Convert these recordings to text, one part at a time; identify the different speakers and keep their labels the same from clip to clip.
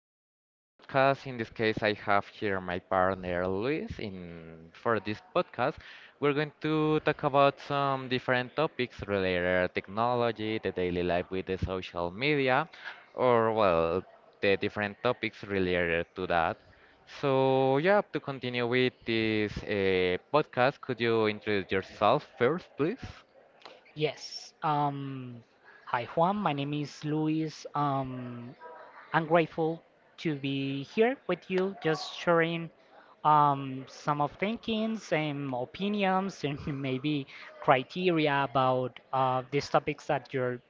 Speaker 1: in another podcast. In this case, I have here my partner Luis in for this podcast. We're going to talk about some different topics related to technology, the daily life with the social media, or well, the different topics related to that. So yeah, to continue with this podcast, could you introduce yourself first, please?
Speaker 2: Yes. Hi, Juan. My name is Luis. I'm grateful to be here with you, just sharing some of thinkings and opinions and maybe criteria about these topics that you're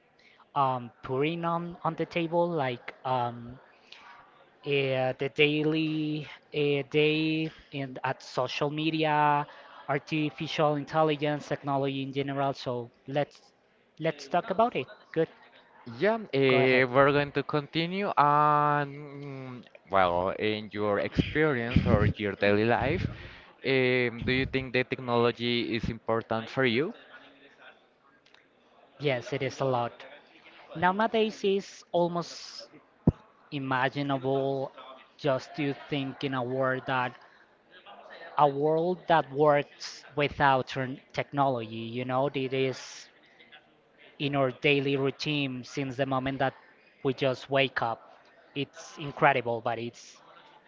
Speaker 2: putting on the table, like the daily day and at social media, artificial intelligence, technology in general. So let's talk about it. Good.
Speaker 1: Yeah,
Speaker 2: Go ahead.
Speaker 1: we're going to continue on, well, in your experience or your daily life, do you think the technology is important for you?
Speaker 2: Yes, it is a lot. Nowadays, it's almost imaginable just to think in a world that works without technology. You know, it is in our daily routine since the moment that we just wake up. It's incredible, but it's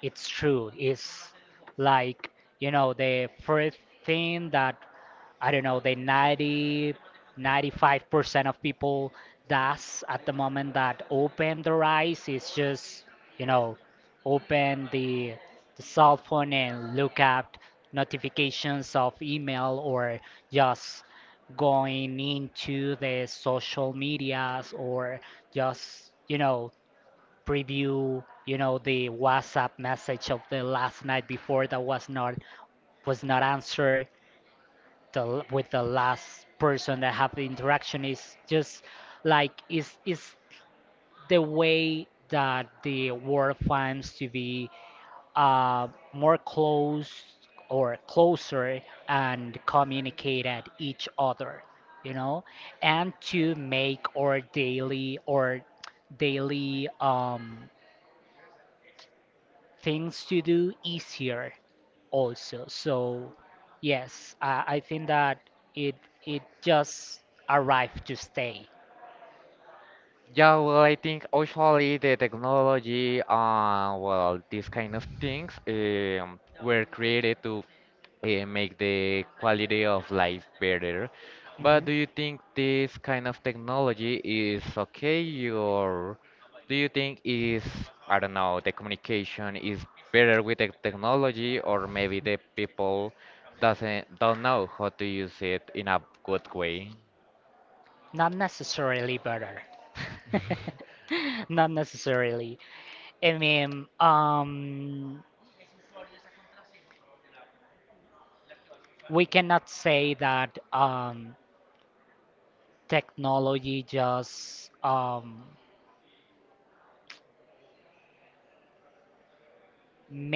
Speaker 2: it's true. It's like, you know, the first thing that I don't know, the ninety five percent of people does at the moment that open their eyes is just, you know, open the cell phone and look at notifications of email or just going into the social medias or just, you know, preview, you know, the WhatsApp message of the last night before that was not answered the, with the last person that have the interaction is just like is the way that the world finds to be more close or closer and communicate at each other, you know, and to make our daily or daily things to do easier also. So yes, I think that it it just arrived to stay.
Speaker 1: Yeah, well, I think usually the technology, well, these kind of things, were created to make the quality of life better. But
Speaker 2: Hmm.
Speaker 1: do you think this kind of technology is okay, or do you think is, I don't know, the communication is better with the technology, or maybe the people doesn't don't know how to use it in a good way?
Speaker 2: Not necessarily better. Not necessarily. I mean, we cannot say that technology just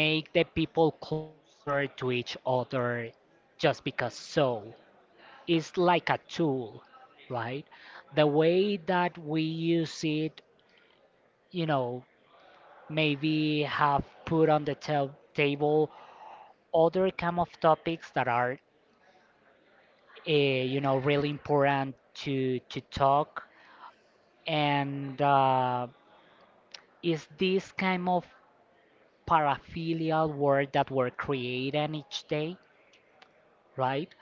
Speaker 2: make the people closer to each other just because so it's like a tool, right, the way that we use it, you know, maybe have put on the table other kind of topics that are you know really important to talk and is this kind of paraphilial work that were created each day, right?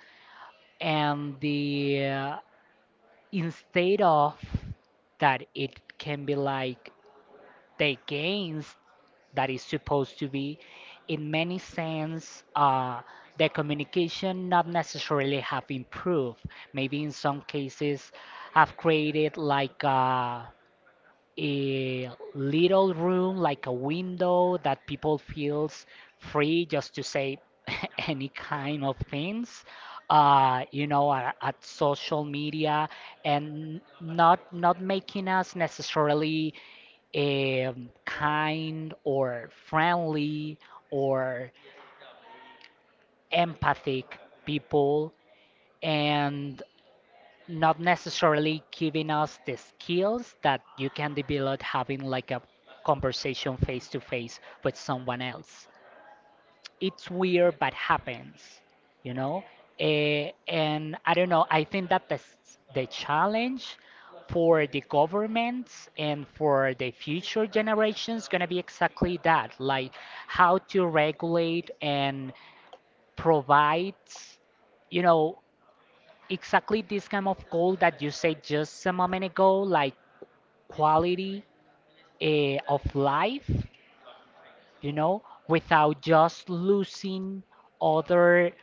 Speaker 2: And the instead of that, it can be like the gains that is supposed to be, in many sense, the communication not necessarily have improved. Maybe in some cases have created like a little room, like a window that people feels free just to say any kind of things you know at social media, and not making us necessarily kind or friendly or empathic people, and not necessarily giving us the skills that you can develop having like a conversation face to face with someone else. It's weird, but happens, you know? And I don't know, I think that the challenge for the governments and for the future generations going to be exactly that, like how to regulate and provide, you know, exactly this kind of goal that you said just a moment ago, like quality of life, you know, without just losing other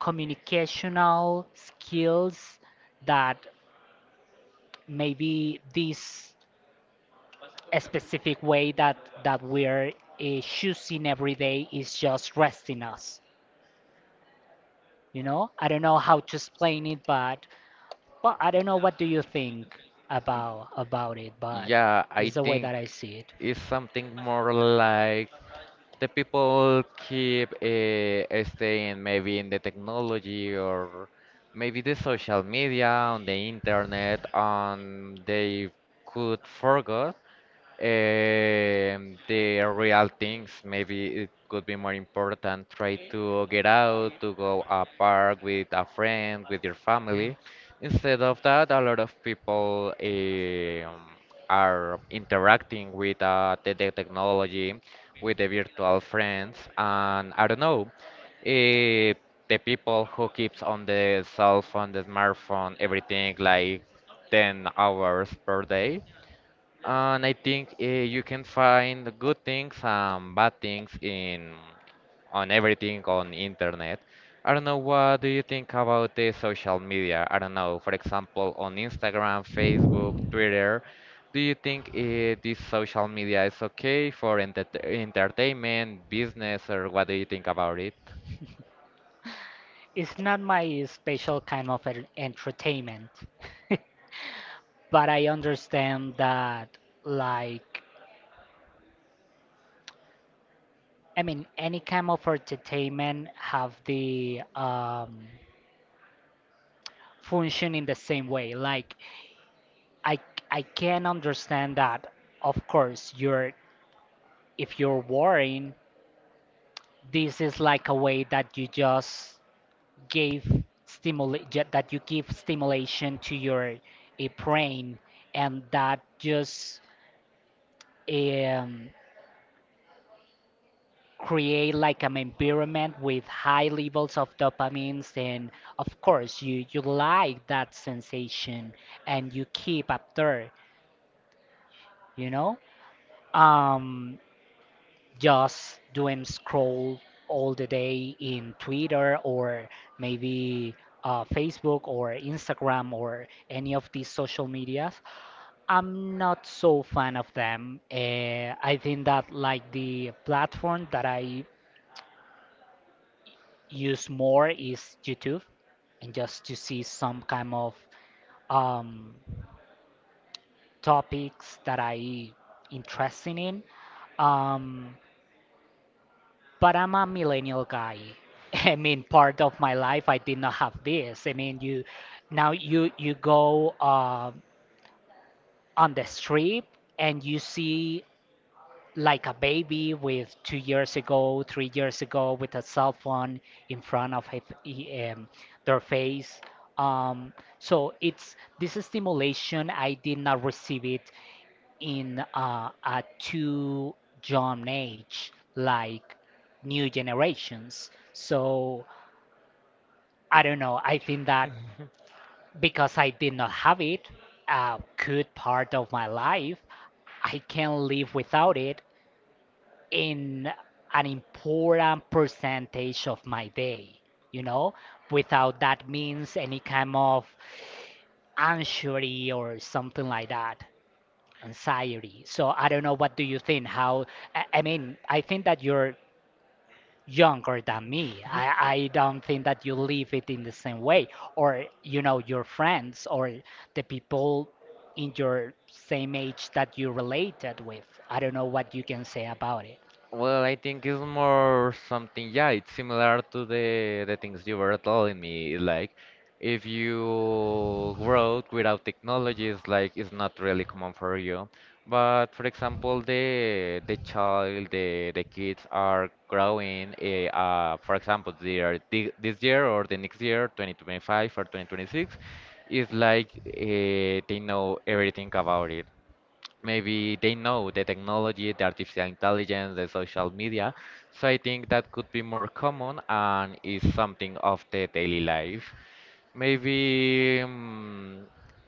Speaker 2: communicational skills that maybe this specific way that we're choosing every day is just resting us. You know, I don't know how to explain it, but well, I don't know what do you think about it, but
Speaker 1: Yeah, I
Speaker 2: it's the way
Speaker 1: think
Speaker 2: that I see it.
Speaker 1: it's something more like the people keep staying maybe in the technology or maybe the social media on the internet, and they could forget the real things, maybe it could be more important. Try to get out, to go a park with a friend, with your
Speaker 2: Mhm.
Speaker 1: family. Instead of that, a lot of people are interacting with the technology, with the virtual friends, and I don't know, eh, the people who keeps on the cell phone, the smartphone, everything like 10 hours per day. And I think you can find good things and bad things in on everything on internet. I don't know what do you think about the social media? I don't know, for example, on Instagram, Facebook, Twitter. Do you think this social media is okay for entertainment, business, or what do you think about it?
Speaker 2: It's not my special kind of entertainment, but I understand that, like, I mean, any kind of entertainment have the function in the same way. Like, I I can understand that, of course you're if you're worrying, this is like a way that you just give stimulation to your brain, and that just um, create like an environment with high levels of dopamines, and of course you like that sensation and you keep up there, you know, um just doing scroll all the day in Twitter, or maybe Facebook or Instagram or any of these social medias. I'm not so fan of them. I think that, like, the platform that I use more is YouTube, and just to see some kind of um, topics that I interested in. Um, but I'm a millennial guy. I mean, part of my life I did not have this. I mean, you now you go on the strip and you see like a baby with 2 years ago, 3 years ago, with a cell phone in front of their face. Um, so it's this stimulation. I did not receive it in a too young age, like new generations. So I don't know. I think that because I did not have it a good part of my life, I can live without it in an important percentage of my day, you know, without that means any kind of anxiety or something like that, anxiety. So I don't know, what do you think? How I mean, I think that you're younger than me. I don't think that you live it in the same way, or, you know, your friends or the people in your same age that you related with. I don't know what you can say about it.
Speaker 1: Well, I think it's more something, yeah, it's similar to the things you were telling me. Like, if you grow without technology, it's like it's not really common for you. But for example, the child, the kids are growing. For example, they are this year or the next year, 2025 or 2026, it's like they know everything about it, maybe they know the technology, the artificial intelligence, the social media. So I think that could be more common and is something of the daily life. Maybe,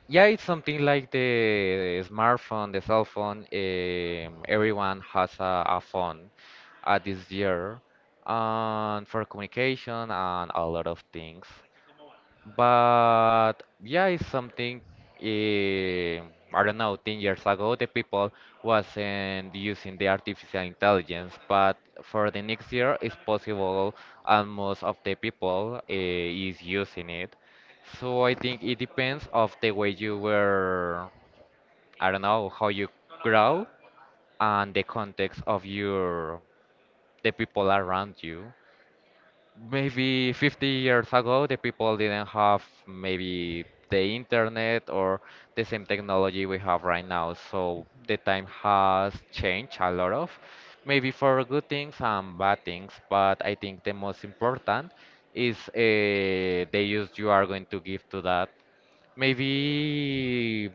Speaker 1: yeah, it's something like the smartphone, the cell phone. Everyone has a phone at this year, and for communication and a lot of things. But yeah, it's something eh, I don't know, 10 years ago the people wasn't using the artificial intelligence, but for the next year it's possible and most of the people is using it. So I think it depends of the way you were, I don't know, how you grow and the context of your the people around you, maybe 50 years ago. The people didn't have maybe the internet or the same technology we have right now. So
Speaker 2: Mhm.
Speaker 1: the time has changed a lot of, maybe for good things and bad things. But I think the most important is the use you are going to give to that. Maybe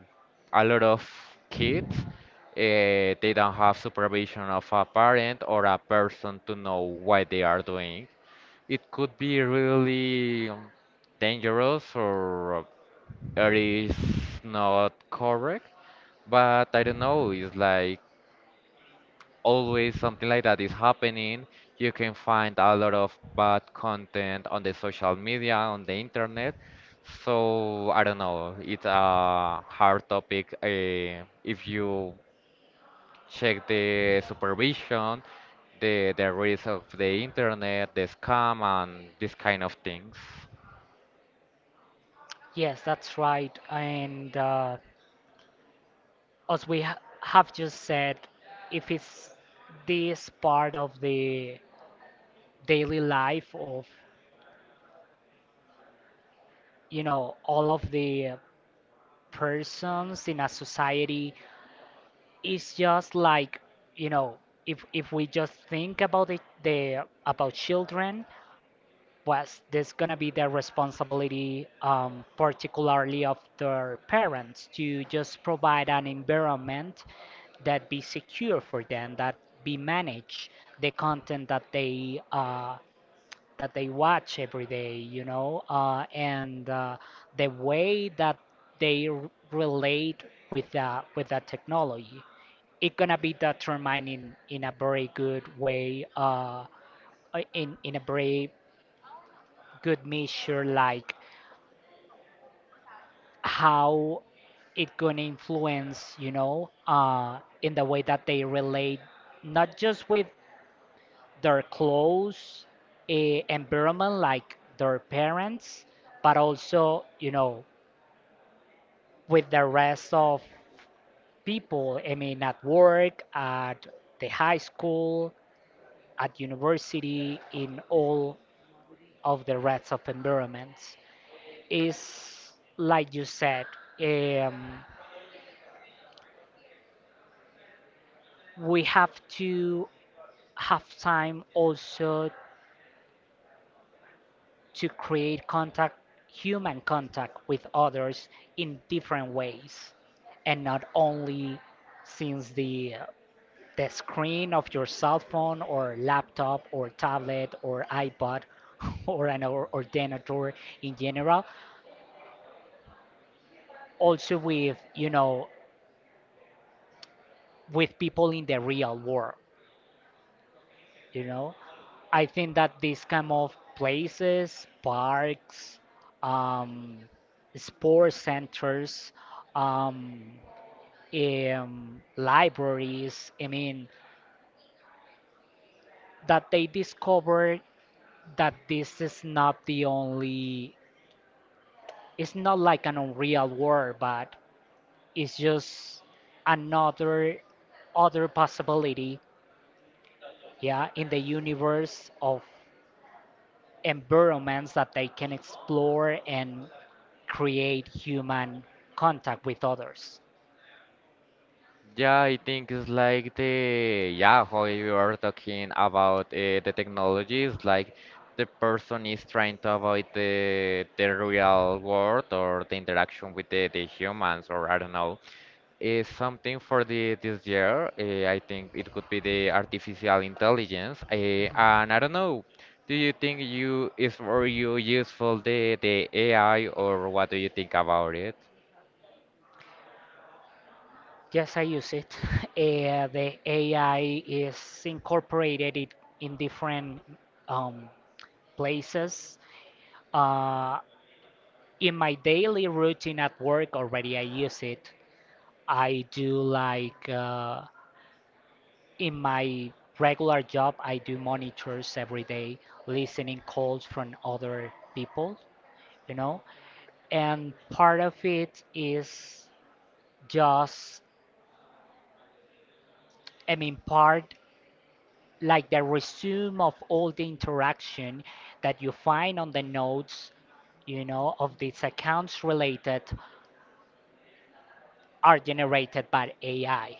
Speaker 1: a lot of kids they don't have supervision of a parent or a person to know what they are doing, it could be really dangerous or it is not correct. But I don't know, it's like always something like that is happening. You can find a lot of bad content on the social media, on the internet. So I don't know, it's a hard topic if you check the supervision, the risk of the internet, the scam, and this kind of things.
Speaker 2: Yes, that's right. And as we ha have just said, if it's this part of the daily life of, you know, all of the persons in a society, it's just like, you know, if we just think about it, the about children, was this going to be the responsibility, particularly of their parents, to just provide an environment that be secure for them, that be manage the content that they that they watch every day, you know, and the way that they relate with that technology, it's gonna be determined in a very good way, in a very good measure, like how it gonna influence, you know, in the way that they relate not just with their clothes, environment, like their parents, but also, you know, with the rest of people, I mean, at work, at the high school, at university, in all of the rest of environments. Is like you said, um, we have to have time also to create contact, human contact with others in different ways, and not only since the screen of your cell phone or laptop or tablet or iPod or an ordinator in general, also with, you know, with people in the real world, you know. I think that these kind of places, parks, um, sports centers, um, libraries, I mean, that they discover that this is not the only, it's not like an unreal world, but it's just another, other possibility, yeah, in the universe of environments that they can explore and create human contact with others.
Speaker 1: Yeah, I think it's like the yeah, how you are talking about the technologies, like the person is trying to avoid the real world or the interaction with the humans or I don't know. Is something for the this year. I think it could be the artificial intelligence. And I don't know. Do you think you is for you useful the AI or what do you think about it?
Speaker 2: Yes, I use it. The AI is incorporated it in different um, places. Uh, in my daily routine at work, already I use it. I do, like, in my regular job, I do monitors every day, listening calls from other people, you know. And part of it is just I mean, part like the resume of all the interaction that you find on the nodes, you know, of these accounts related, are generated by AI,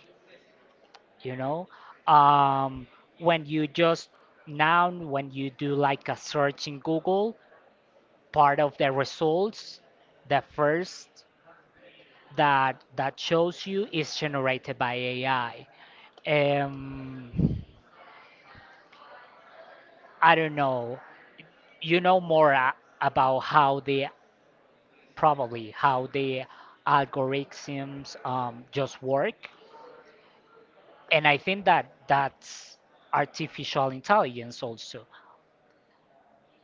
Speaker 2: you know. um, when you just now when you do like a search in Google, part of the results, the first that shows you is generated by AI. um, I don't know. You know more, about how the probably how the algorithms just work, and I think that that's artificial intelligence also.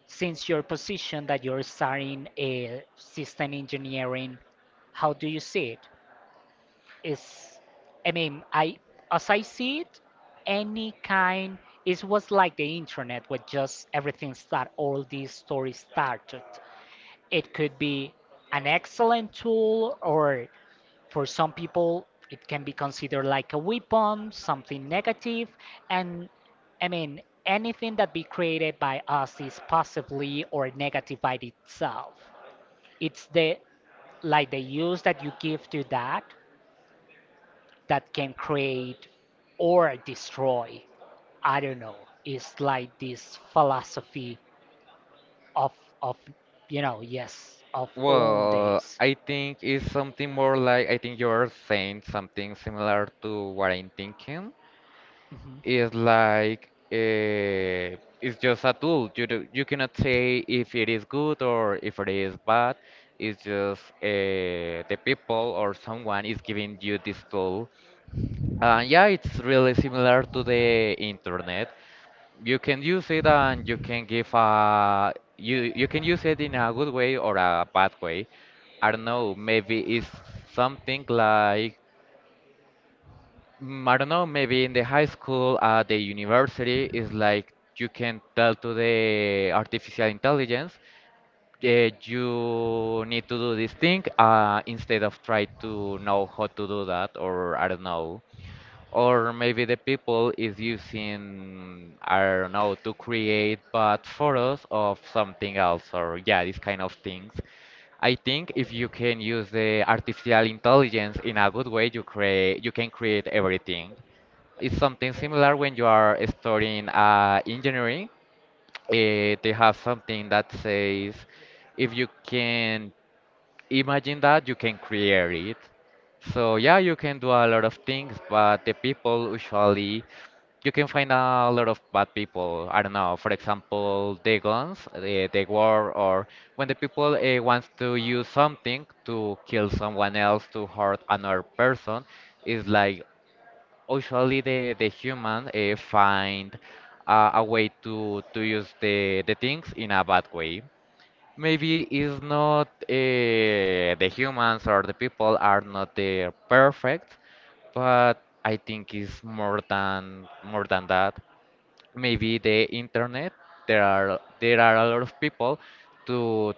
Speaker 2: Since your position that you're studying a system engineering, how do you see it? Is I mean, I as I see it, any kind it was like the internet, where just everything start all these stories started. It could be an excellent tool, or for some people, it can be considered like a weapon, something negative. And, I mean, anything that be created by us is positively or negative by itself. It's the, like the use that you give to that that can create or destroy. I don't know. It's like this philosophy of of you know, yes, of old
Speaker 1: Well,
Speaker 2: days.
Speaker 1: I think it's something more like I think you're saying something similar to what I'm thinking.
Speaker 2: Mhm.
Speaker 1: It's like it's just a tool. You do, you cannot say if it is good or if it is bad. It's just the people or someone is giving you this tool, yeah, it's really similar to the internet. You can use it, and you can give a you can use it in a good way or a bad way. I don't know, maybe it's something like I don't know, maybe in the high school, at the university, it's like you can tell to the artificial intelligence you need to do this thing instead of try to know how to do that or I don't know. Or maybe the people is using, I don't know, to create bad photos of something else, or yeah, these kind of things. I think if you can use the artificial intelligence in a good way, you create, you can create everything. It's something similar when you are studying engineering. They have something that says, if you can imagine that, you can create it. So yeah, you can do a lot of things, but the people usually you can find a lot of bad people. I don't know. For example, the guns, the war, or when the people wants to use something to kill someone else, to hurt another person, is like usually the human find a way to use the things in a bad way. Maybe it's not the humans or the people are not the perfect, but I think it's more than that, maybe the internet, there are a lot of people to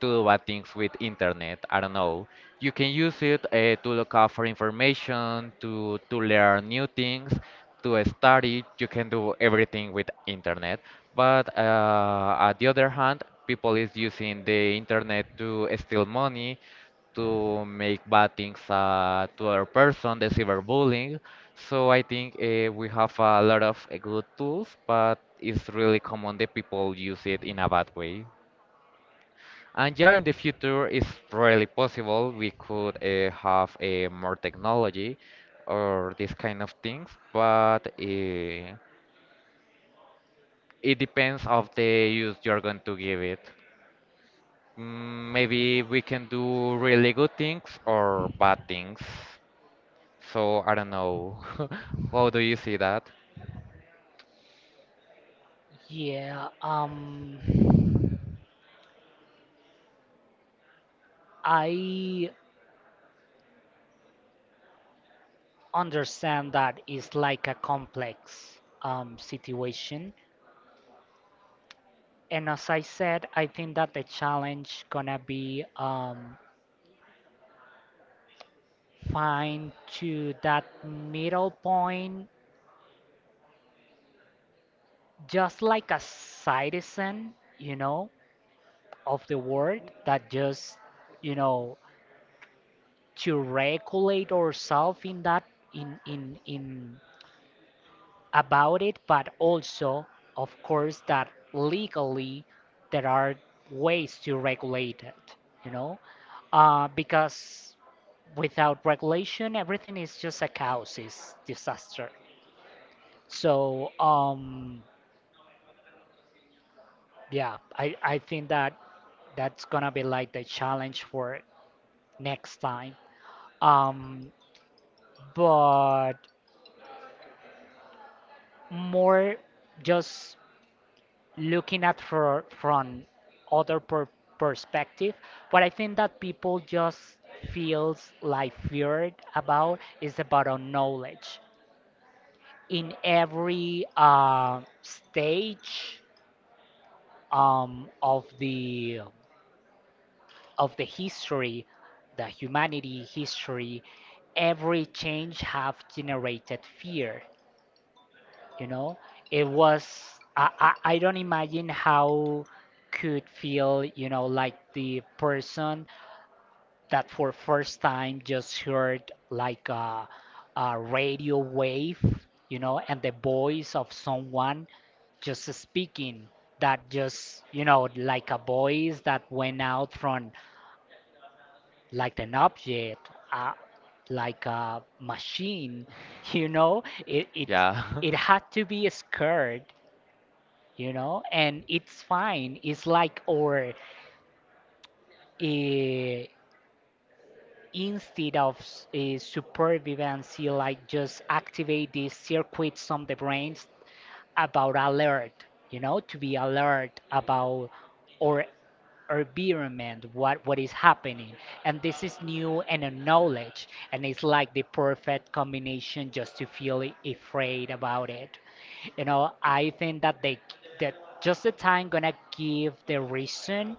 Speaker 1: do bad things with internet. I don't know, you can use it to look up for information, to learn new things, to study, you can do everything with internet. But on the other hand, people is using the internet to steal money, to make bad things to other person, the cyberbullying. So I think we have a lot of good tools, but it's really common that people use it in a bad way. And yeah, in the future, it's really possible we could have more technology or these kind of things, but it depends of the use you're going to give it. Maybe we can do really good things or bad things. So I don't know. How do you see that?
Speaker 2: Yeah, I understand that it's like a complex situation. And as I said, I think that the challenge gonna be, find to that middle point, just like a citizen, you know, of the world that just, you know, to regulate ourselves in that, in about it, but also, of course, that legally there are ways to regulate it, you know, because without regulation, everything is just a chaos, is disaster. So, yeah, I think that that's gonna be like the challenge for next time. Um, but more, just looking at for from other perspective, what I think that people just feels like feared about is about our knowledge in every stage, um, of the of the history, the humanity history. Every change have generated fear, you know. It was I don't imagine how could feel, you know, like the person that for first time just heard like a radio wave, you know, and the voice of someone just speaking, that just, you know, like a voice that went out from like an object, like a machine you know it it
Speaker 1: Yeah.
Speaker 2: it had to be scared, you know. And it's fine, it's like, or uh, instead of supervivancy, like just activate these circuits on the brains about alert, you know, to be alert about or environment, what is happening. And this is new and a knowledge, and it's like the perfect combination just to feel afraid about it. You know, I think that they, that just the time gonna give the reason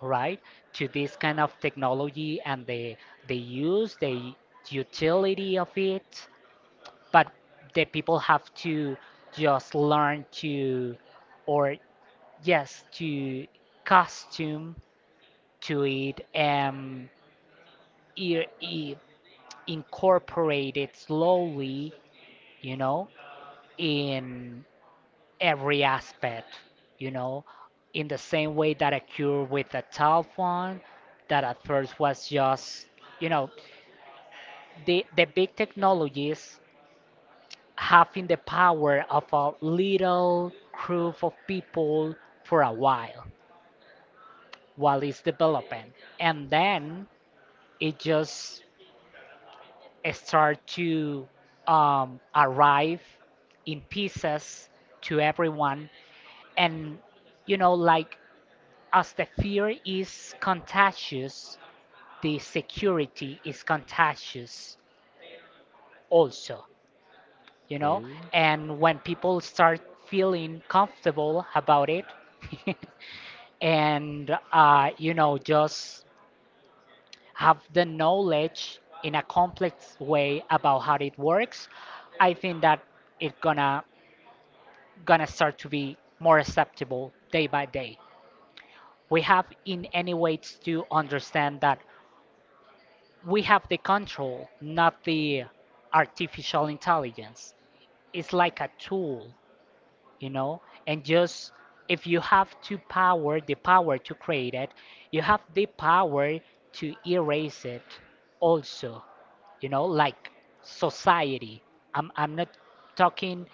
Speaker 2: right to this kind of technology, and the use, the utility of it. But the people have to just learn to, or yes, to costume to it, and i- i- incorporate it slowly, you know, in every aspect, you know, in the same way that occurred with the telephone. That at first was just, you know, the big technologies having the power of a little group of people for a while it's developing, and then it just start to arrive in pieces to everyone. And you know, like, as the fear is contagious, the security is contagious also, you know.
Speaker 1: Okay.
Speaker 2: And when people start feeling comfortable about it and you know, just have the knowledge in a complex way about how it works, I think that it gonna start to be more acceptable day by day. We have in any ways to understand that we have the control, not the artificial intelligence. It's like a tool, you know. And just if you have to power, the power to create it, you have the power to erase it also, you know, like society. I'm not talking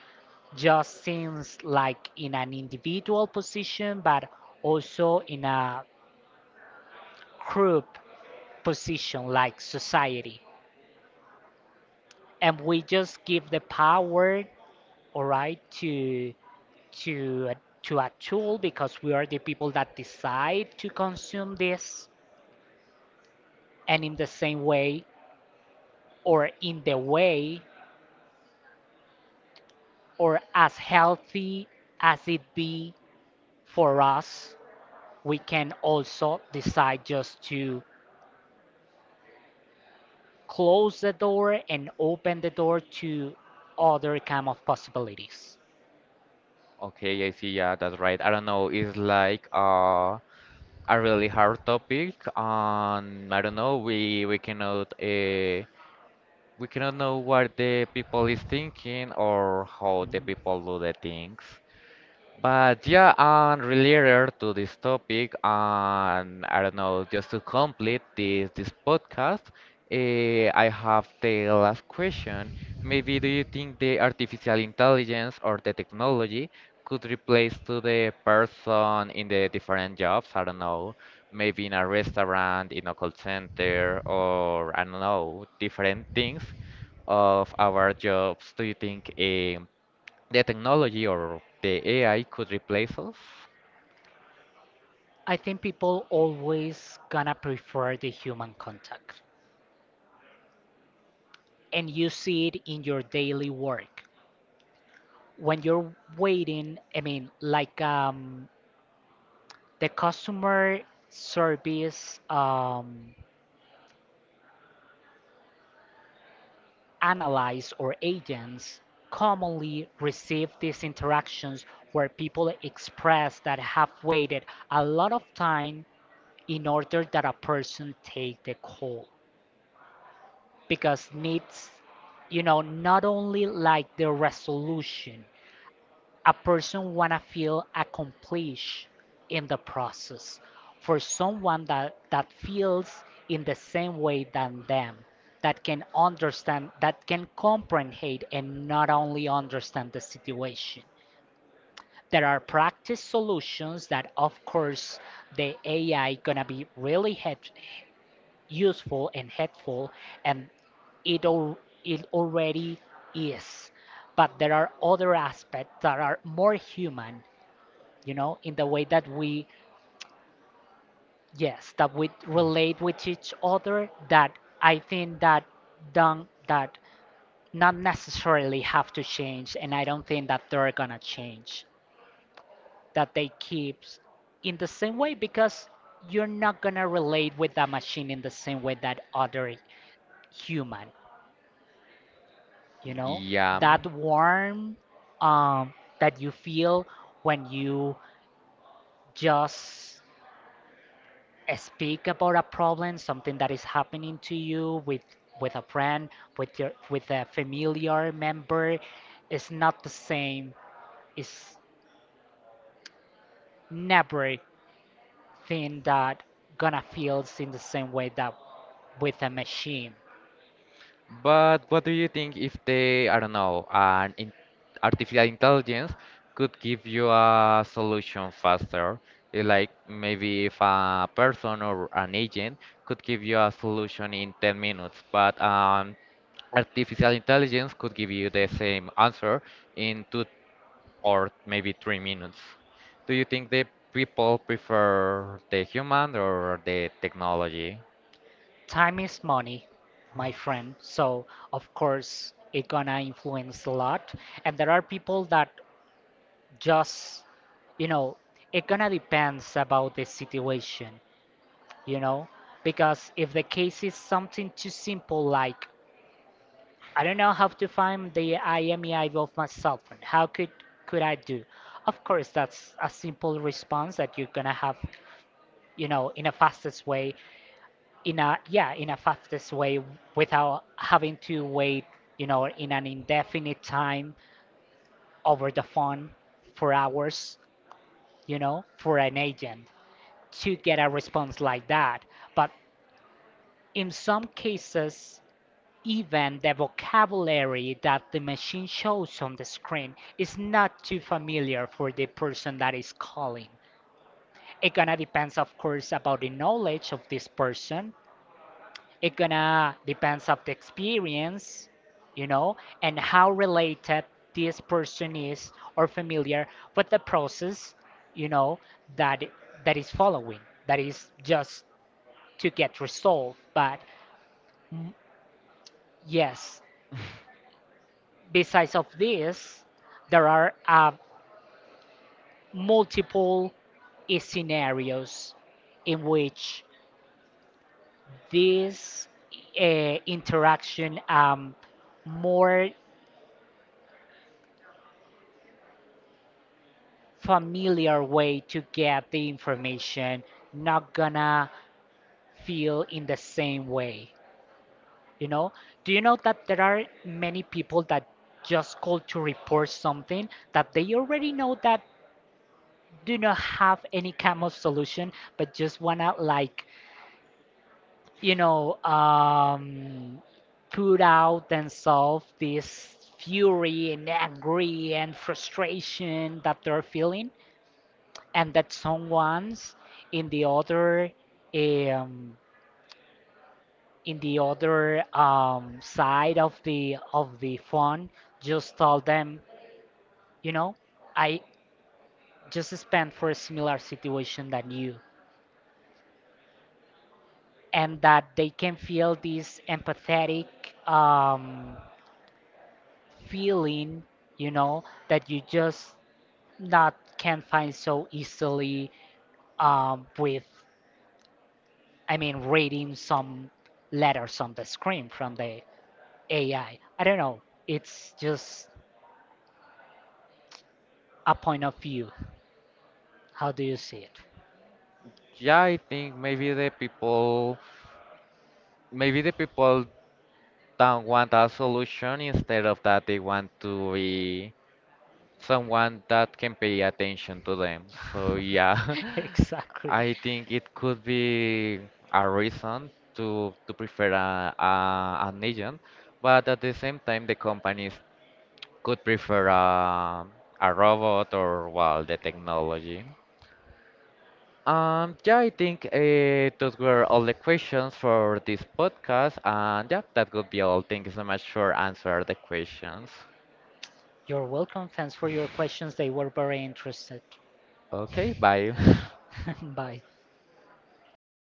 Speaker 2: just things like in an individual position, but also in a group position, like society. And we just give the power, all right, to to a- to a tool, because we are the people that decide to consume this. And in the same way, or in the way, or as healthy as it be for us, we can also decide just to close the door and open the door to other kind of possibilities.
Speaker 1: Okay, I see. Yeah, that's right. I don't know. It's like a really hard topic, and I don't know. We cannot we cannot know what the people is thinking or how the
Speaker 2: Mhm.
Speaker 1: people do the things. But yeah, and related to this topic, and I don't know, just to complete this podcast, I have the last question. Maybe do you think the artificial intelligence or the technology could replace to the person in the different jobs? I don't know, maybe in a restaurant, in a call center, or I don't know, different things of our jobs. Do you think the technology or the AI could replace us?
Speaker 2: I think people always gonna prefer the human contact. And you see it in your daily work. When you're waiting, I mean, like, the customer service analysts or agents commonly receive these interactions where people express that have waited a lot of time in order that a person take the call. Because needs, you know, not only like the resolution, a person wanna feel accomplished in the process, for someone that feels in the same way than them, that can understand, that can comprehend hate and not only understand the situation. There are practice solutions that of course the ai gonna be really help, useful and helpful, and it, al- it already is. But there are other aspects that are more human, you know, in the way that we, yes that we
Speaker 1: Mm.
Speaker 2: relate with each other, that I think that don't, that not necessarily have to change, and I don't think that they're gonna change, that they keep in the same way. Because you're not gonna relate with a machine in the same way that other human, you know.
Speaker 1: Yeah.
Speaker 2: That warm, um, that you feel when you just speak about a problem, something that is happening to you, with a friend, with your with a familiar member, is not the same. It's never thing that gonna feels in the same way that with a machine.
Speaker 1: But what do you think if they, I don't know, an in artificial intelligence could give you a solution faster? Like maybe if a person or an agent could give you a solution in 10 minutes, but artificial intelligence could give you the same answer in 2 or maybe 3 minutes. Do you think the people prefer the human or the technology?
Speaker 2: Time is money, my friend, so of course it gonna influence a lot. And there are people that just, you know, it gonna depends about the situation, you know. Because if the case is something too simple, like, I don't know how to find the imei of my cell phone, how could I do? Of course, that's a simple response that you're gonna have, you know, in a fastest way, in a, yeah, in a fastest way, without having to wait, you know, in an indefinite time over the phone for hours, you know, for an agent to get a response like that. But in some cases, even the vocabulary that the machine shows on the screen is not too familiar for the person that is calling. It gonna depends, of course, about the knowledge of this person. It gonna depends of the experience, you know, and how related this person is, or familiar with the process, you know, that is following, that is just to get resolved. But mm, yes, besides of this, there are multiple scenarios in which this interaction, more familiar way to get the information, not gonna feel in the same way, you know. Do you know that there are many people that just call to report something that they already know that do not have any kind of solution, but just wanna like, you know, put out and solve this fury and angry and frustration that they're feeling, and that someone's in the other, um, in the other, side of the phone just told them, you know, I just spent for a similar situation than you, and that they can feel this empathetic, um, feeling, you know, that you just not can find so easily, with, I mean, reading some letters on the screen from the AI. I don't know. It's just a point of view. How do you see it?
Speaker 1: Yeah, I think maybe the people don't want a solution, instead of that they want to be someone that can pay attention to them. So yeah,
Speaker 2: Exactly.
Speaker 1: I think it could be a reason to prefer a an agent, but at the same time the companies could prefer a robot or well the technology. Yeah, I think those were all the questions for this podcast, and yeah, that would be all. Thank you so much for answering the questions.
Speaker 2: You're welcome. Thanks for your questions. They were very interested.
Speaker 1: Okay, bye.
Speaker 2: Bye.